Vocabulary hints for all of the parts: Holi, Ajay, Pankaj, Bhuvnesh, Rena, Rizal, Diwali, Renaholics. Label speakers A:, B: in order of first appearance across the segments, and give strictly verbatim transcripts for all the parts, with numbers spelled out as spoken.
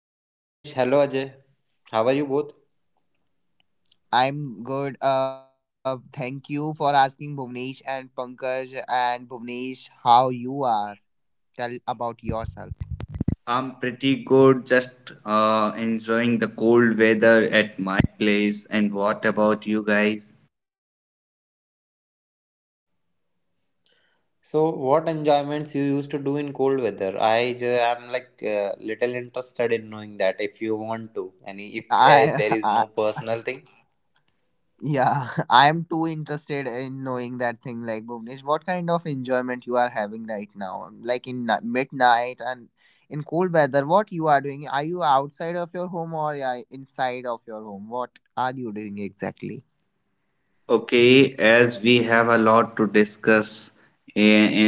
A: Hello Bhuvnesh, hello Ajay. How are you both?
B: I'm good. Uh, thank you for asking Bhuvnesh and Pankaj, and Bhuvnesh, how you are. Tell about yourself.
C: I'm pretty good, just uh, enjoying the cold weather at my place. And what about you guys?
A: So, what enjoyments you used to do in cold weather? I ju- am like uh, little interested in knowing that if you want to, and if uh,
B: I,
A: there is
B: I
A: no personal thing.
B: yeah, I am too interested in knowing that thing. Like Bhuvnesh, what kind of enjoyment you are having right now? Like in ni- midnight and in cold weather, what you are doing? Are you outside of your home or yeah, inside of your home? What are you doing exactly?
C: Okay, as we have a lot to discuss eh,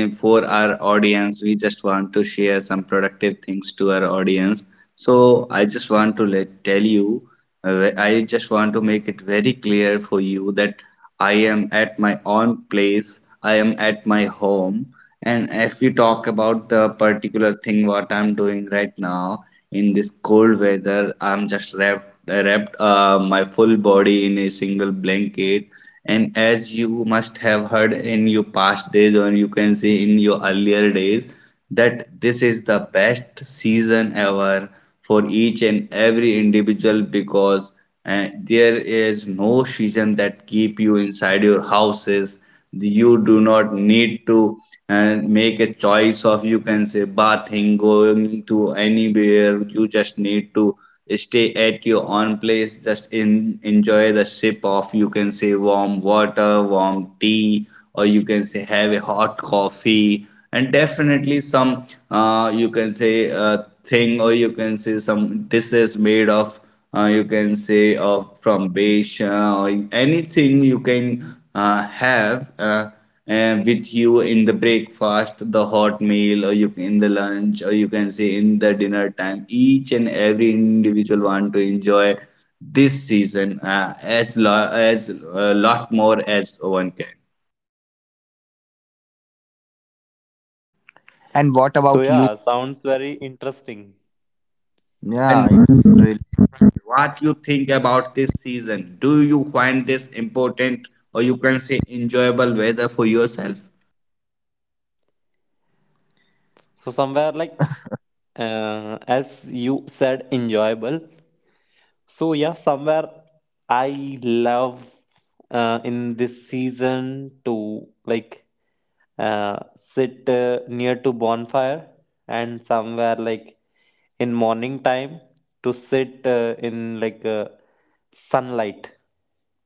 C: eh, for our audience, we just want to share some productive things to our audience. So I just want to let tell you, uh, I just want to make it very clear for you that I am at my own place, I am at my home, and if you talk about the particular thing what I'm doing right now, in this cold weather I'm just wrapped wrapped uh, my full body in a single blanket, and as you must have heard in your past days or you can say in your earlier days, that this is the best season ever for each and every individual because uh, there is no season that keep you inside your houses. You do not need to uh, make a choice of you can say bathing, going to anywhere. You just need to stay at your own place, just in, enjoy the sip of you can say warm water, warm tea, or you can say have a hot coffee. And definitely some uh, you can say uh, thing or you can say some dishes made of uh, you can say or from beige uh, or anything you can uh, have uh, uh, with you in the breakfast, the hot meal, or you in the lunch, or you can say in the dinner time, each and every individual want to enjoy this season uh, as lo- as a lot more as one can.
B: And what
A: So
B: about you?
A: yeah, sounds very interesting.
C: And
B: Yeah, it's really.
C: what you think about this season? Do you find this important or you can say enjoyable weather for yourself?
A: So somewhere like uh, as you said, enjoyable. So yeah, somewhere I love uh, in this season to like uh, sit uh, near to bonfire, and somewhere like in morning time to sit uh, in like uh, sunlight,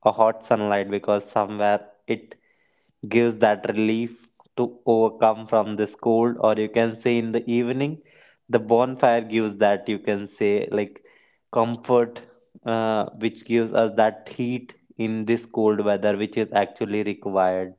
A: a hot sunlight, because somewhere it gives that relief to overcome from this cold, or you can say in the evening the bonfire gives that you can say like comfort, uh, which gives us that heat in this cold weather which is actually required.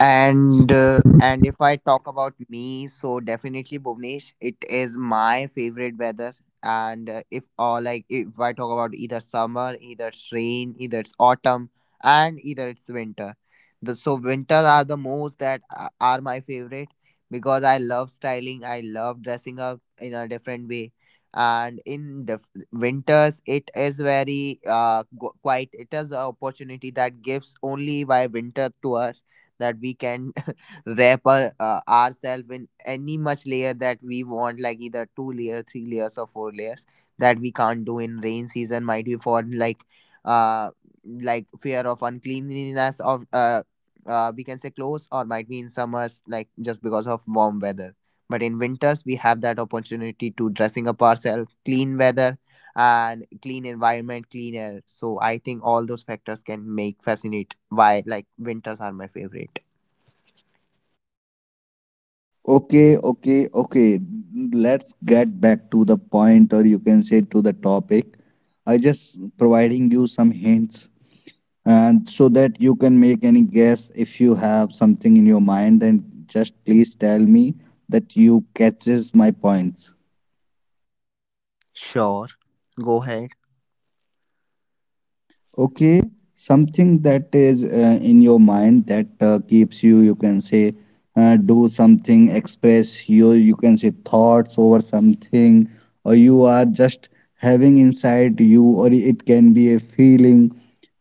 B: And uh, and if I talk about me, so definitely Bhuvnesh, it is my favorite weather. And uh, if or like if I talk about either summer, either it's rain, either it's autumn, and either it's winter. The, so winters are the most that a- are my favorite because I love styling. I love dressing up in a different way. And in the winters, it is very uh qu- quite. It is an opportunity that gives only by winter to us that we can wrap our, uh, ourselves in any much layer that we want, like either two layer, three layers, or four layers that we can't do in rain season, might be for like uh like fear of uncleanliness of uh, uh we can say clothes, or might be in summers like just because of warm weather. But in winters we have that opportunity to dressing up ourselves, clean weather and clean environment, clean air. So I think all those factors can make fascinate why like winters are my favorite.
C: Okay, okay, okay. Let's get back to the point, or you can say to the topic. I just providing you some hints, and so that you can make any guess if you have something in your mind. Then just please tell me that you catches my points.
B: Sure, go ahead.
C: Okay, something that is uh, in your mind that uh, keeps you, you can say, uh, do something, express your, you can say, thoughts over something, or you are just having inside you, or it can be a feeling.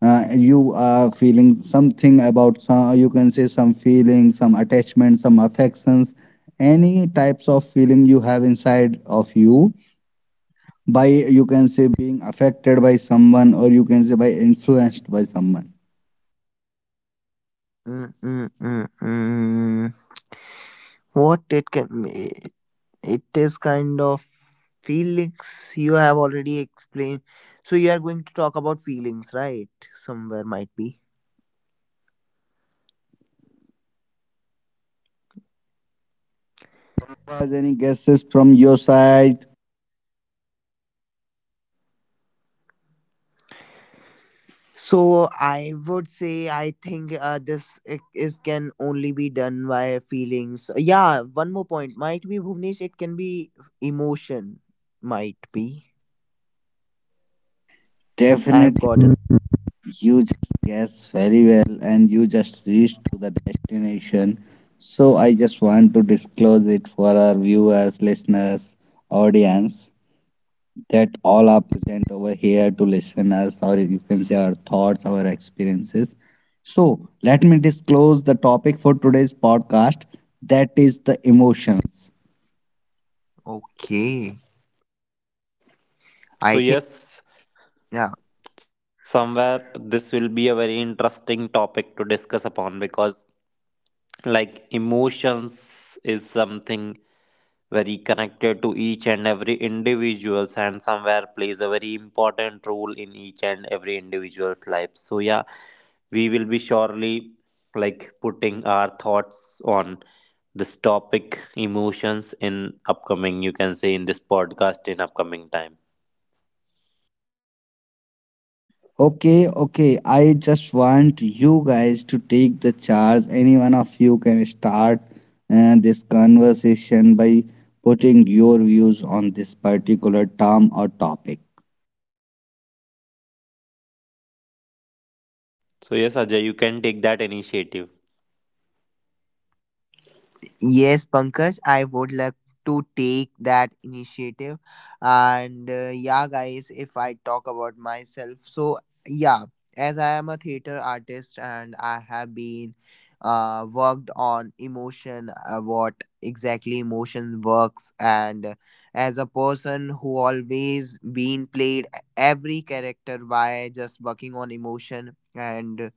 C: Uh, you are feeling something about some, you can say, some feeling, some attachment, some affections, any types of feeling you have inside of you by you can say being affected by someone or you can say by influenced by someone.
B: Mm, mm, mm, mm. What it can be, it is kind of feelings you have already explained. So you are going to talk about feelings, right? Somewhere might be.
C: Was any guesses from your side?
B: So I would say I think uh, this it is can only be done by feelings. Yeah, one more point might be Bhuvnesh. It can be emotion. Might be. I've
C: Definitely,
B: gotten
C: you just guess very well and you just reached to the destination. So I just want to disclose it for our viewers, listeners, audience, that all are present over here to listen us or you can say our thoughts, our experiences. So let me disclose the topic for today's podcast, that is the emotions.
B: okay. I think.
A: So yes, somewhere this will be a very interesting topic to discuss upon because like emotions is something very connected to each and every individuals and somewhere plays a very important role in each and every individual's life. So yeah, we will be surely like putting our thoughts on this topic emotions in upcoming, you can say in this podcast in upcoming time.
C: Okay, okay, I just want you guys to take the charge. Any one of you can start uh, this conversation by putting your views on this particular term or topic.
A: So yes, Ajay, you can take that initiative.
B: Yes, Pankaj, I would like to take that initiative. And uh, yeah, guys, if I talk about myself, so yeah, as I am a theater artist and I have been uh, worked on emotion, uh, what exactly emotion works, and uh, as a person who always been played every character by just working on emotion and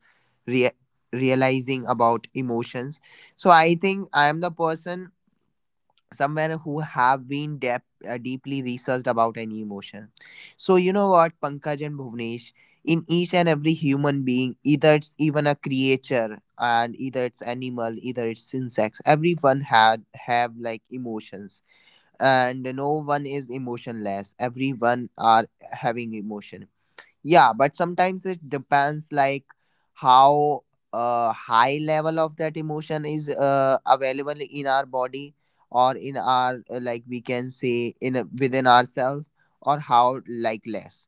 B: rea- realizing about emotions, so I think I am the person somewhere who have been dep uh, deeply researched about any emotion. So you know what, Pankaj and Bhuvnesh, in each and every human being, either it's even a creature, and either it's animal, either it's insects, everyone had have like emotions, and no one is emotionless. Everyone are having emotion, yeah, but sometimes it depends like how uh, high level of that emotion is uh, available in our body or in our uh, like we can say in a, within ourselves, or how like less,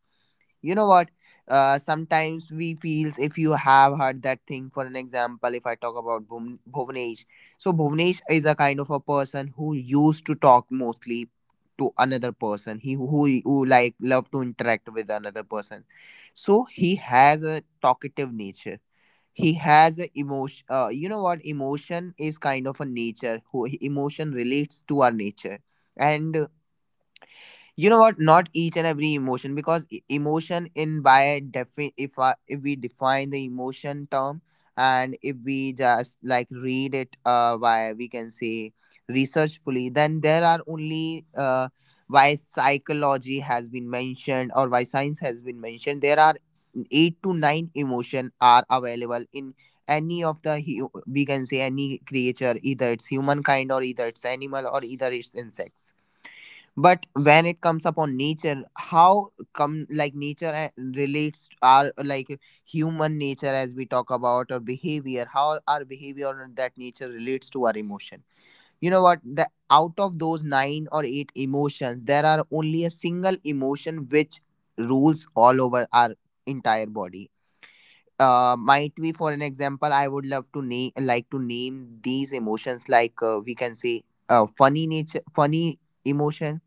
B: you know what, uh, sometimes we feels if you have heard that thing. For an example, if I talk about Bhuvn- bhuvnesh, so bhuvnesh is a kind of a person who used to talk mostly to another person, he who, who like love to interact with another person, so he has a talkative nature. He has a emotion, uh, you know what, emotion is kind of a nature who emotion relates to our nature. And you know what, not each and every emotion, because e- emotion in by defi- if I, if we define the emotion term, and if we just like read it uh by we can say researchfully, then there are only uh why psychology has been mentioned or why science has been mentioned, there are eight to nine emotion are available in any of the hu- we can say any creature, either it's humankind or either it's animal or either it's insects. But when it comes upon nature, how come like nature a- relates to our like human nature as we talk about or behavior, how our behavior and that nature relates to our emotion. You know what, the out of those nine or eight emotions, there are only a single emotion which rules all over our entire body. Uh, might be for an example, I would love to name like to name these emotions like uh, we can say uh, funny nature, funny emotion,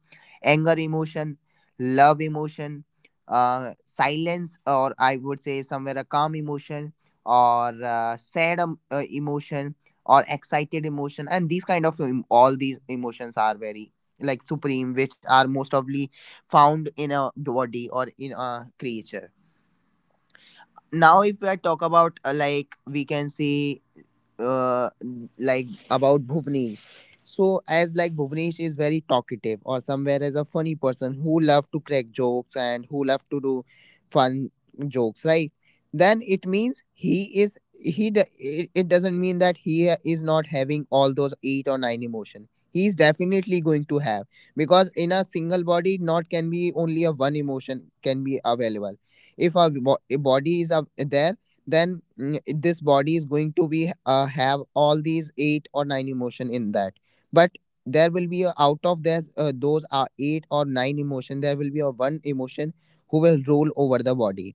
B: anger emotion, love emotion, uh, silence, or I would say somewhere a calm emotion, or uh, sad um, uh, emotion, or excited emotion. And these kind of em- all these emotions are very like supreme, which are most probably found in a body or in a creature. Now if I talk about uh, like we can see uh, like about Bhuvnesh. So as like Bhuvnesh is very talkative, or somewhere as a funny person who love to crack jokes and who love to do fun jokes, right? Then it means he is he. d- it, it doesn't mean that he ha- is not having all those eight or nine emotion. He is definitely going to have, because in a single body, not can be only a one emotion can be available. If our bo- body is up uh, there, then mm, this body is going to be uh, have all these eight or nine emotion in that. But there will be a, out of this uh, those are eight or nine emotion, there will be a one emotion who will rule over the body.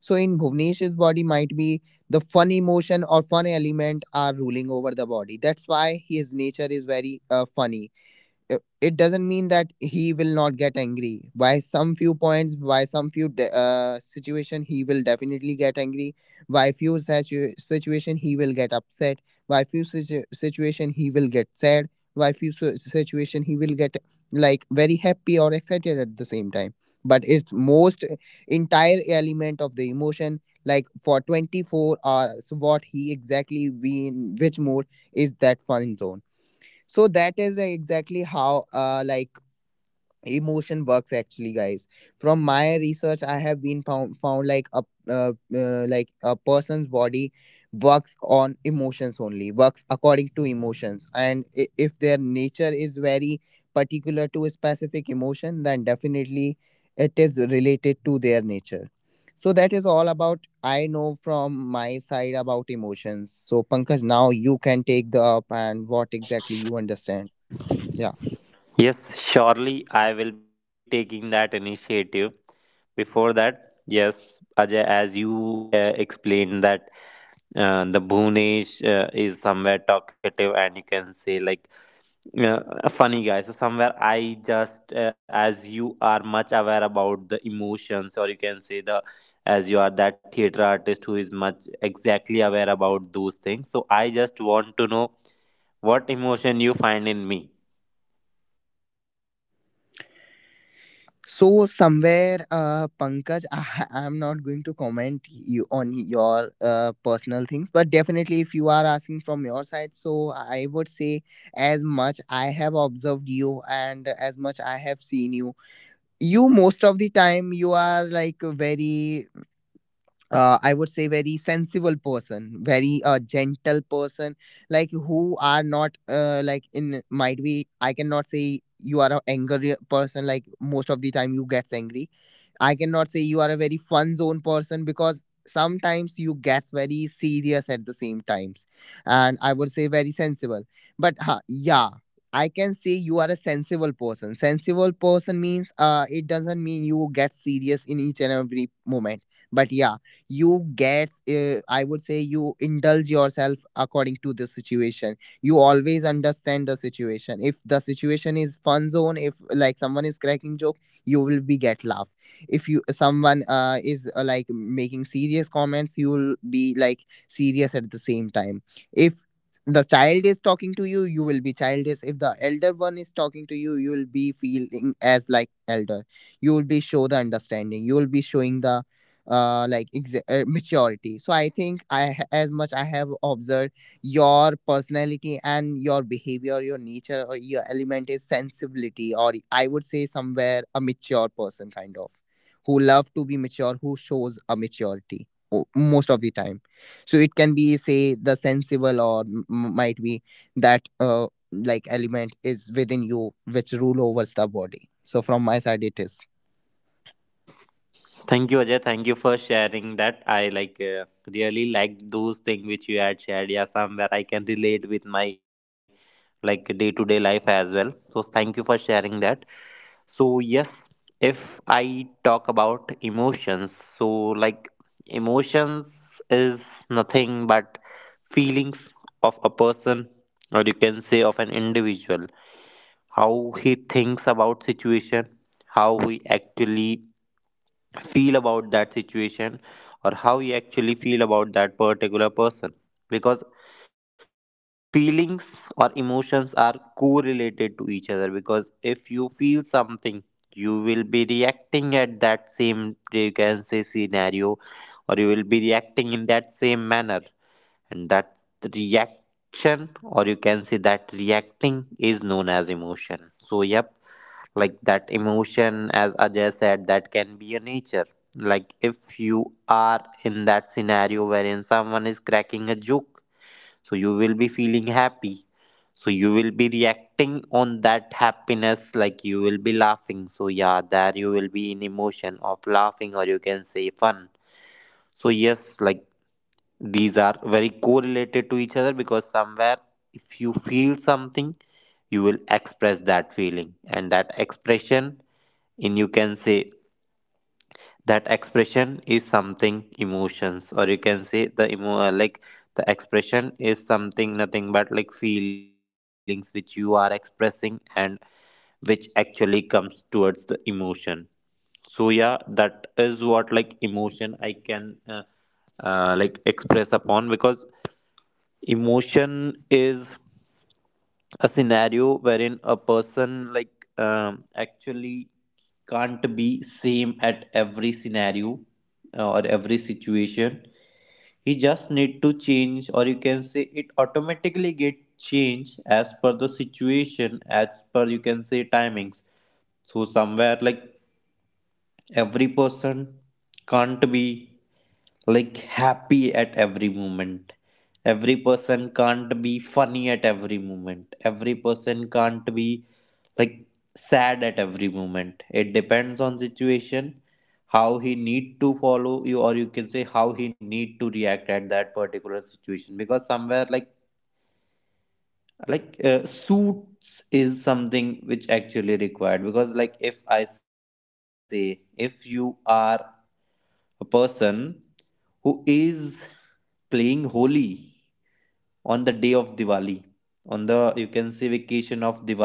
B: So in bhuvnesh's body, might be the fun emotion or fun element are ruling over the body, that's why his nature is very uh, funny. Uh, it doesn't mean that he will not get angry. By some few points, by some few de- uh, situation, he will definitely get angry. By few situ- situation, he will get upset. By few situ- situation, he will get sad. By few si- situation, he will get like very happy or excited at the same time. But it's most entire element of the emotion, like for twenty-four hours what he exactly be in which mode, is that fun zone. So that is uh, exactly how uh like emotion works actually, guys. From my research I have been found found like a uh, uh, like a person's body works on emotions only, works according to emotions. And i- if their nature is very particular to a specific emotion, then definitely it is related to their nature. So that is all about I know from my side about emotions. So Pankaj, now you can take the up and what exactly you understand. Yeah.
A: Yes, surely I will be taking that initiative. Before that, yes, Ajay, as you like uh, explained that uh, the Bhunesh uh, is somewhere talkative and you can say like uh, a funny guy. So somewhere I just uh, as you are much aware about the emotions, or you can say the, as you are that theater artist who is much exactly aware about those things. So I just want to know what emotion you find in me.
B: So somewhere, uh, Pankaj, I, I'm not going to comment you on your uh, personal things, but definitely, if you are asking from your side, so I would say, as much I have observed you and as much I have seen you, you most of the time you are like very uh, I would say very sensible person, very uh, gentle person, like who are not uh, like in might be I cannot say you are a angry person like most of the time you gets angry. I cannot say you are a very fun zone person because sometimes you gets very serious at the same times, and I would say very sensible. But huh, yeah. I can say you are a sensible person. Sensible person means uh, it doesn't mean you get serious in each and every moment, but yeah, you get uh, I would say you indulge yourself according to the situation. You always understand the situation. If the situation is fun zone, if like someone is cracking joke, you will be get laugh. If you someone uh, is uh, like making serious comments, you will be like serious at the same time. If the child is talking to you, you will be childish. If the elder one is talking to you, you will be feeling as like elder. You will be show the understanding, you will be showing the uh, like exa- uh, maturity. So I think i ha- as much I have observed your personality and your behavior, your nature or your element is sensibility, or I would say somewhere a mature person kind of, who love to be mature, who shows a maturity o- most of the time. So it can be say the sensible or m- m- might be that uh, like element is within you which rule overs the body. So from my side it is.
A: Thank you, Ajay. Thank you for sharing that. I like uh, really liked those things which you had shared. Yeah, somewhere I can relate with my like day to day life as well. So thank you for sharing that. So yes, if I talk about emotions, so like emotions is nothing but feelings of a person, or you can say of an individual, how he thinks about situation, how he actually feel about that situation, or how you actually feel about that particular person, because like feelings or emotions are correlated to each other, because if you feel something, you will be reacting at that same, you can say, scenario, or you will be reacting in that same manner, and that reaction, or you can say that reacting is known as emotion. So yep, like that emotion, as Ajay said, that can be a nature. Like if you are in that scenario wherein someone is cracking a joke, so you will be feeling happy, so you will be reacting on that happiness, like you will be laughing, so yeah, there you will be in emotion of laughing, or you can say fun. So yes, like these are very correlated to each other because somewhere if you feel something, you will express that feeling, and that expression, and you can say that expression is something emotions, or you can say the emo uh, like the expression is something nothing but like feelings which you are expressing and which actually comes towards the emotion. So yeah, that is what like emotion I can uh, uh, like express upon, because emotion is a scenario wherein a person like um, actually can't be same at every scenario, uh, or every situation. He just need to change, or you can say it automatically get changed as per the situation, as per you can say timings. So somewhere like every person can't be like happy at every moment, every person can't be funny at every moment, every person can't be like sad at every moment. It depends on situation how he need to follow you, or you can say how he need to react at that particular situation. Because somewhere like like uh, suits is something which actually required, because like if I say, if you are a person who is playing Holi on the day of Diwali, on the you can say vacation of Diwali.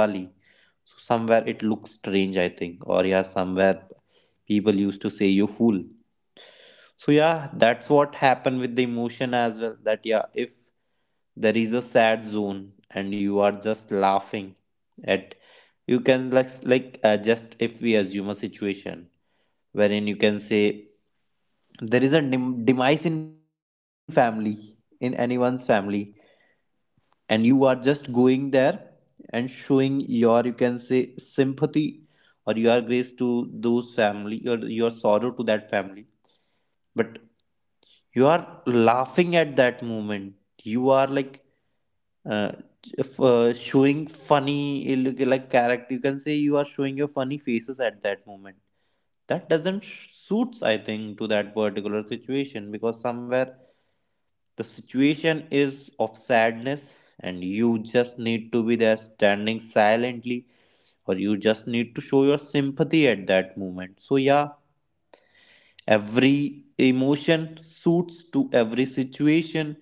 A: So somewhere it looks strange, I think, or yeah, somewhere people used to say you fool. So yeah, that's what happened with the emotion as well. That yeah, if there is a sad zone and you are just laughing at, you can like like uh, just if we assume a situation wherein you can say there is a dem- demise in family, in anyone's family, and you are just going there and showing your you can say sympathy, or your grace to those family, or your sorrow to that family, but you are laughing at that moment, you are like uh, f- uh, showing funny uh, look- like character, you can say you are showing your funny faces at that moment. That doesn't sh- suits, I think, to that particular situation, because somewhere the situation is of sadness, and you just need to be there standing silently, or you just need to show your sympathy at that moment. So, yeah, every emotion suits to every situation,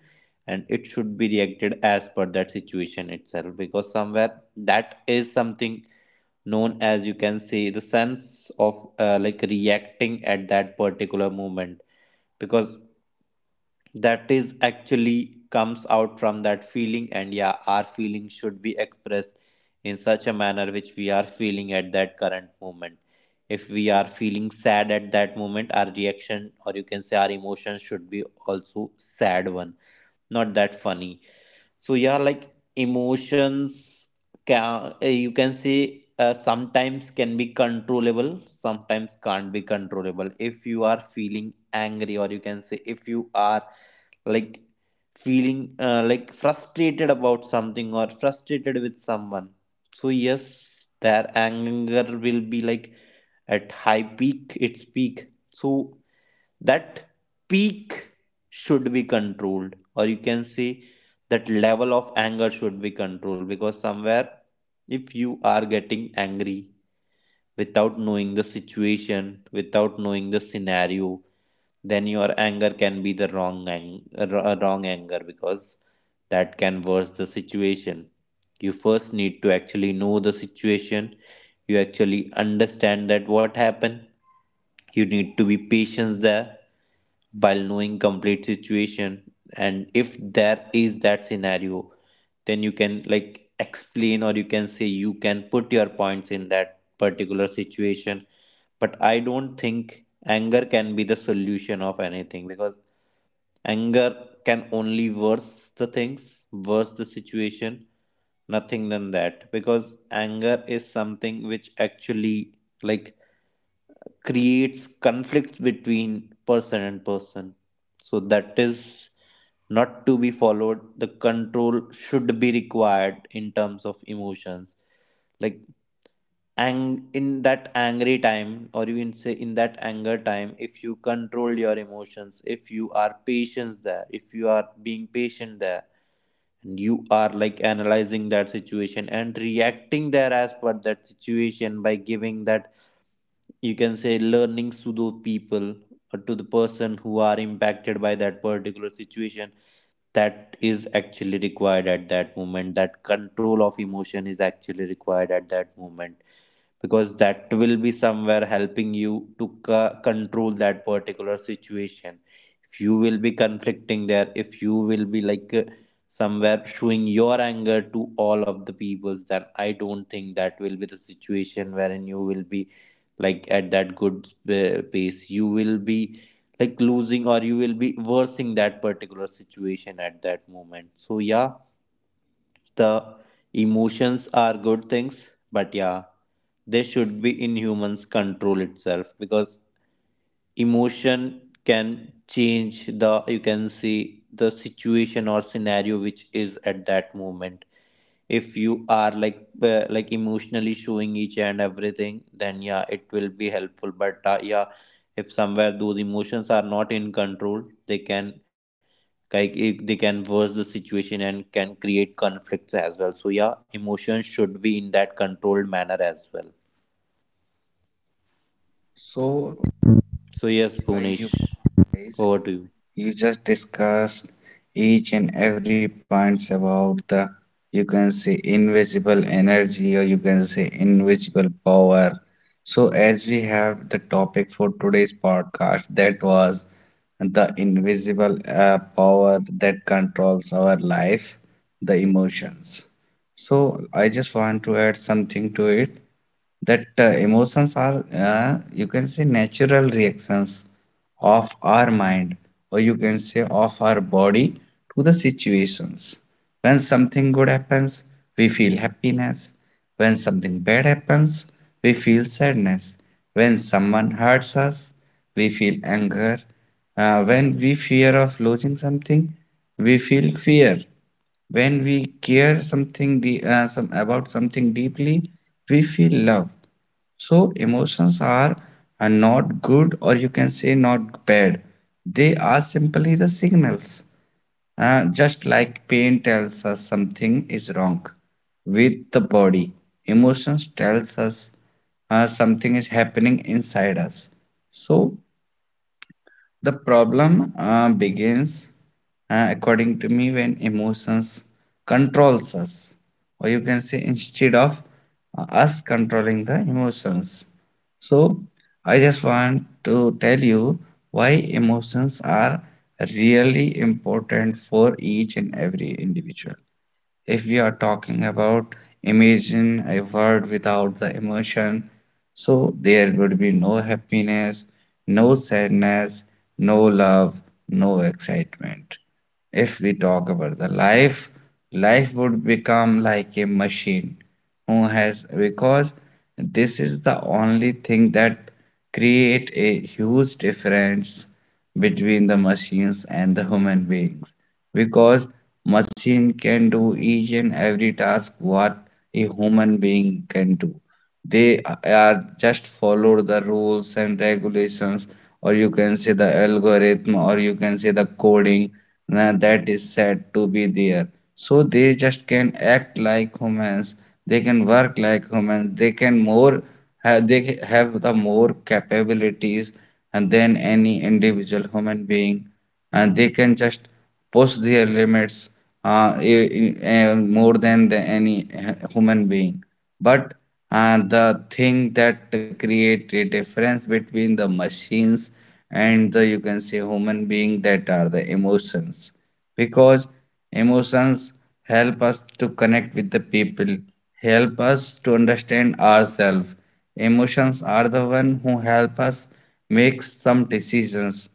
A: and it should be reacted as per that situation itself, because somewhere that is something known as you can say the sense of uh, like reacting at that particular moment, because that is actually comes out from that feeling. And yeah, our feeling should be expressed in such a manner which we are feeling at that current moment. If we are feeling sad at that moment, our reaction, or you can say our emotions should be also sad one, not that funny. So yeah, like emotions can eh, you can say uh, sometimes can be controllable, sometimes can't be controllable. If you are feeling angry, or you can say if you are like feeling uh, like frustrated about something or frustrated with someone, so yes, their anger will be like at high peak, its peak. So that peak should be controlled, or you can say that level of anger should be controlled. Because somewhere if you are getting angry without knowing the situation, without knowing the scenario, then your anger can be the wrong ang- uh, wr- uh, wrong anger, because that can worse the situation. You first need to actually know the situation, you actually understand that what happened, you need to be patient there while knowing complete situation. And if there is that scenario, then you can like explain, or you can say you can put your points in that particular situation. But I don't think anger can be the solution of anything, because anger can only worse the things, worse the situation, nothing than that. Because anger is something which actually like creates conflicts between person and person. So that is not to be followed. The control should be required in terms of emotions. Like ang in that angry time, or you can say in that anger time, if you control your emotions, if you are patient there, if you are being patient there and you are like analyzing that situation and reacting there as per that situation by giving that you can say learnings to those people, or to the person who are impacted by that particular situation, that is actually required at that moment. That control of emotion is actually required at that moment, because that will be somewhere helping you to co- control that particular situation. If you will be conflicting there, if you will be like uh, somewhere showing your anger to all of the peoples, then I don't think that will be the situation wherein you will be like at that good uh, pace. You will be like losing, or you will be worsening that particular situation at that moment. So yeah, the emotions are good things, but yeah, they should be in humans control itself, because emotion can change the you can see the situation or scenario which is at that moment. If you are like uh, like emotionally showing each and everything, then yeah it will be helpful. But uh, yeah, if somewhere those emotions are not in control, they can like it, they can worse the situation and can create conflicts as well. So yeah, emotions should be in that controlled manner as well.
C: So
A: So yes,
C: why you
A: Punish,
C: guys,
A: over to you.
C: you just discussed each and every points about the you can say invisible energy or you can say invisible power. So as we have the topic for today's podcast, that was the invisible uh, power that controls our life, the emotions. So I just want to add something to it, that uh, emotions are uh, you can say natural reactions of our mind or you can say of our body to the situations. When something good happens, we feel happiness. When something bad happens, we feel sadness. When someone hurts us, we feel anger. Uh, when we fear of losing something, we feel fear. When we care something de- uh, some about something deeply, we feel love. So emotions are, are not good or you can say not bad. They are simply the signals. Uh, just like pain tells us something is wrong with the body, emotions tells us uh, something is happening inside us. So the problem uh, begins, uh, according to me, when emotions controls us, or you can say instead of uh, us controlling the emotions. So I just want to tell you why emotions are really important for each and every individual. If we are talking about, imagine a world without the emotion. So there would be no happiness, no sadness, no love, no excitement. If we talk about the life, life would become like a machine who has, because this is the only thing that create a huge difference between the machines and the human beings. Because machine can do each and every task what a human being can do. They are just follow the rules and regulations, or you can say the algorithm, or you can say the coding uh, that is said to be there. So they just can act like humans. They can work like humans. They can more. ha- They ca- have the more capabilities and than any individual human being, and they can just push their limits uh, i- i- uh, more than the, any h- human being. But uh, the thing that create a difference between the machines and the you can say human being, that are the emotions. Because emotions help us to connect with the people, help us to understand ourselves. Emotions are the one who help us make some decisions.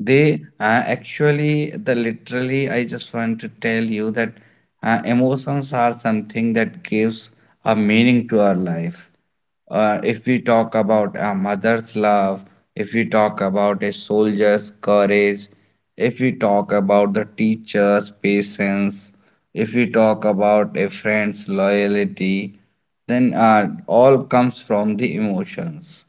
C: They uh, actually, the literally, I just want to tell you that uh, emotions are something that gives a meaning to our life. Uh, if we talk about a mother's love, if we talk about a soldier's courage, if we talk about the teacher's patience, if we talk about a friend's loyalty, then uh, all comes from the emotions.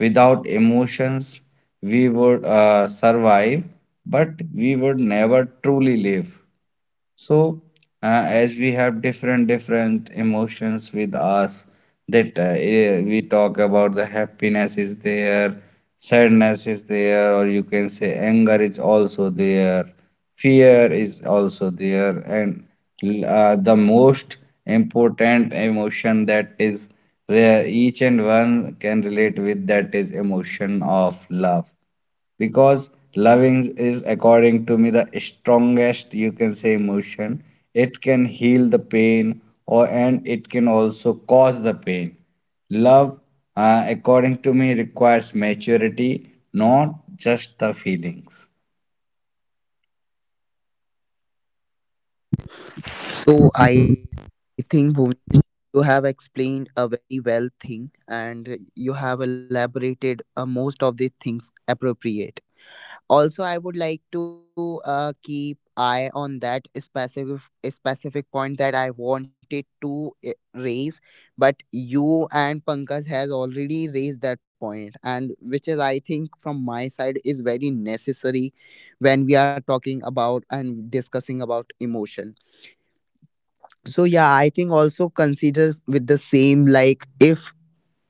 C: Without emotions, we would uh, survive, but we would never truly live. So, uh, as we have different different emotions with us, that uh, eh, we talk about the happiness is there, sadness is there, or you can say anger is also there, fear is also there, and l- uh, the most important emotion that is rare, each and one can relate with, that is emotion of love. Because loving is according to me the strongest you can say emotion. It can heal the pain, or and it can also cause the pain. Love uh, according to me requires maturity, not just the feelings.
B: So I think Bhuvnesh, you have explained a very well thing, and you have elaborated uh, most of the things appropriate. Also, I would like to uh, keep eye on that specific specific point that I wanted to uh, raise, but you and Pankaj has already raised that point, and which is I think from my side is very necessary when we are talking about and discussing about emotion. So yeah, I think also consider with the same like if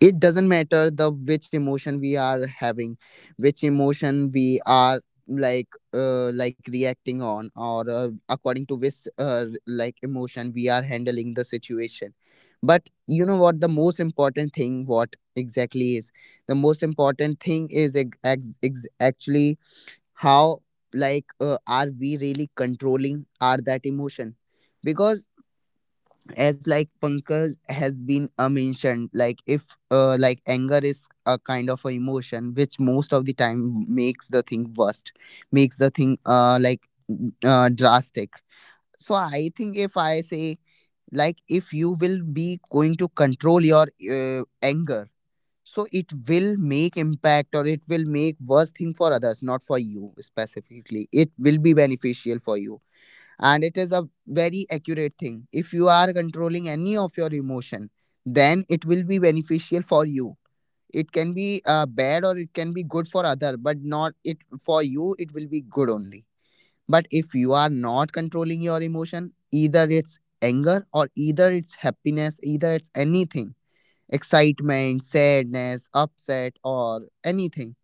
B: it doesn't matter the which emotion we are having, which emotion we are like uh like reacting on, or uh, according to which uh like emotion we are handling the situation. But you know what, the most important thing what exactly is, the most important thing is ex- ex- ex- actually how like uh, are we really controlling are that emotion. Because as like Pankaj has been uh, mentioned, like if uh, like anger is a kind of a emotion which most of the time makes the thing worst, makes the thing uh like uh, drastic. So I think if I say like if you will be going to control your uh, anger, so it will make impact or it will make worse thing for others, not for you specifically. It will be beneficial for you, and it is a very accurate thing. If you are controlling any of your emotion, then it will be beneficial for you. It can be uh, bad or it can be good for other, but not it for you, it will be good only. But if you are not controlling your emotion, either it's anger or either it's happiness, either it's anything, excitement, sadness, upset, or anything,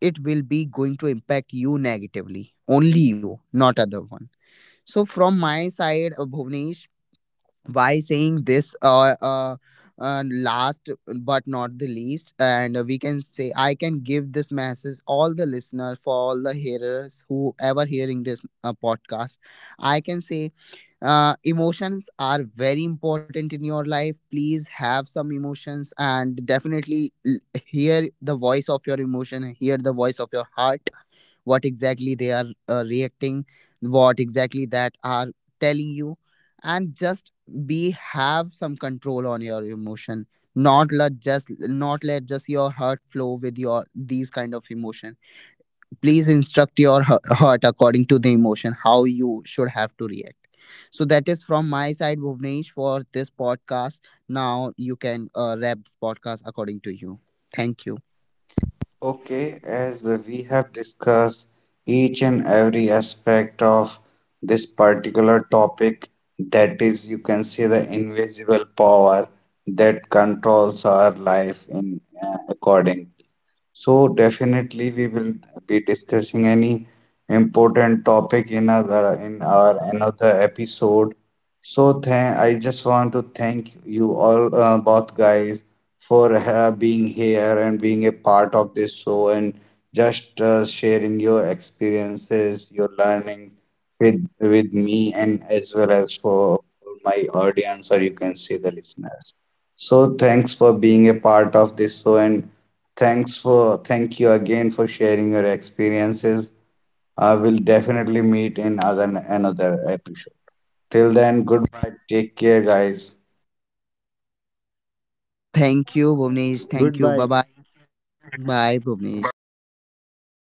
B: it will be going to impact you negatively only, you, not other one. So from my side, uh, Bhuvnesh, why saying this uh, uh, uh, last but not the least, and we can say I can give this message all the listeners, for all the hearers who ever hearing this uh, podcast. I can say uh, emotions are very important in your life. Please have some emotions, and definitely l- hear the voice of your emotion, hear the voice of your heart, what exactly they are uh, reacting, what exactly that are telling you, and just be have some control on your emotion. not let just not let just your heart flow with your these kind of emotion. Please instruct your he- heart according to the emotion how you should have to react. So that is from my side, Bhuvnesh, for this podcast. Now you can uh, wrap this podcast according to you. Thank you.
C: Okay, as uh, we have discussed each and every aspect of this particular topic, that is, you can see the invisible power that controls our life in uh, according, so definitely we will be discussing any important topic in other, in our another episode. So thank, I just want to thank you all uh, both guys for uh, being here and being a part of this show, and just uh, sharing your experiences, your learning with with me and as well as for for my audience or you can say the listeners. So thanks for being a part of this show, and Thanks for thank you again for sharing your experiences. I will definitely meet in other, another episode. Till then, goodbye. Take care, guys.
B: Thank you Bhuvnesh, thank you, bye
A: Goodbye.
B: bye. Bye, Bhuvnesh. Bye,
A: Thank you,
B: all the
A: Bhunesh. Goodbye.
B: listeners.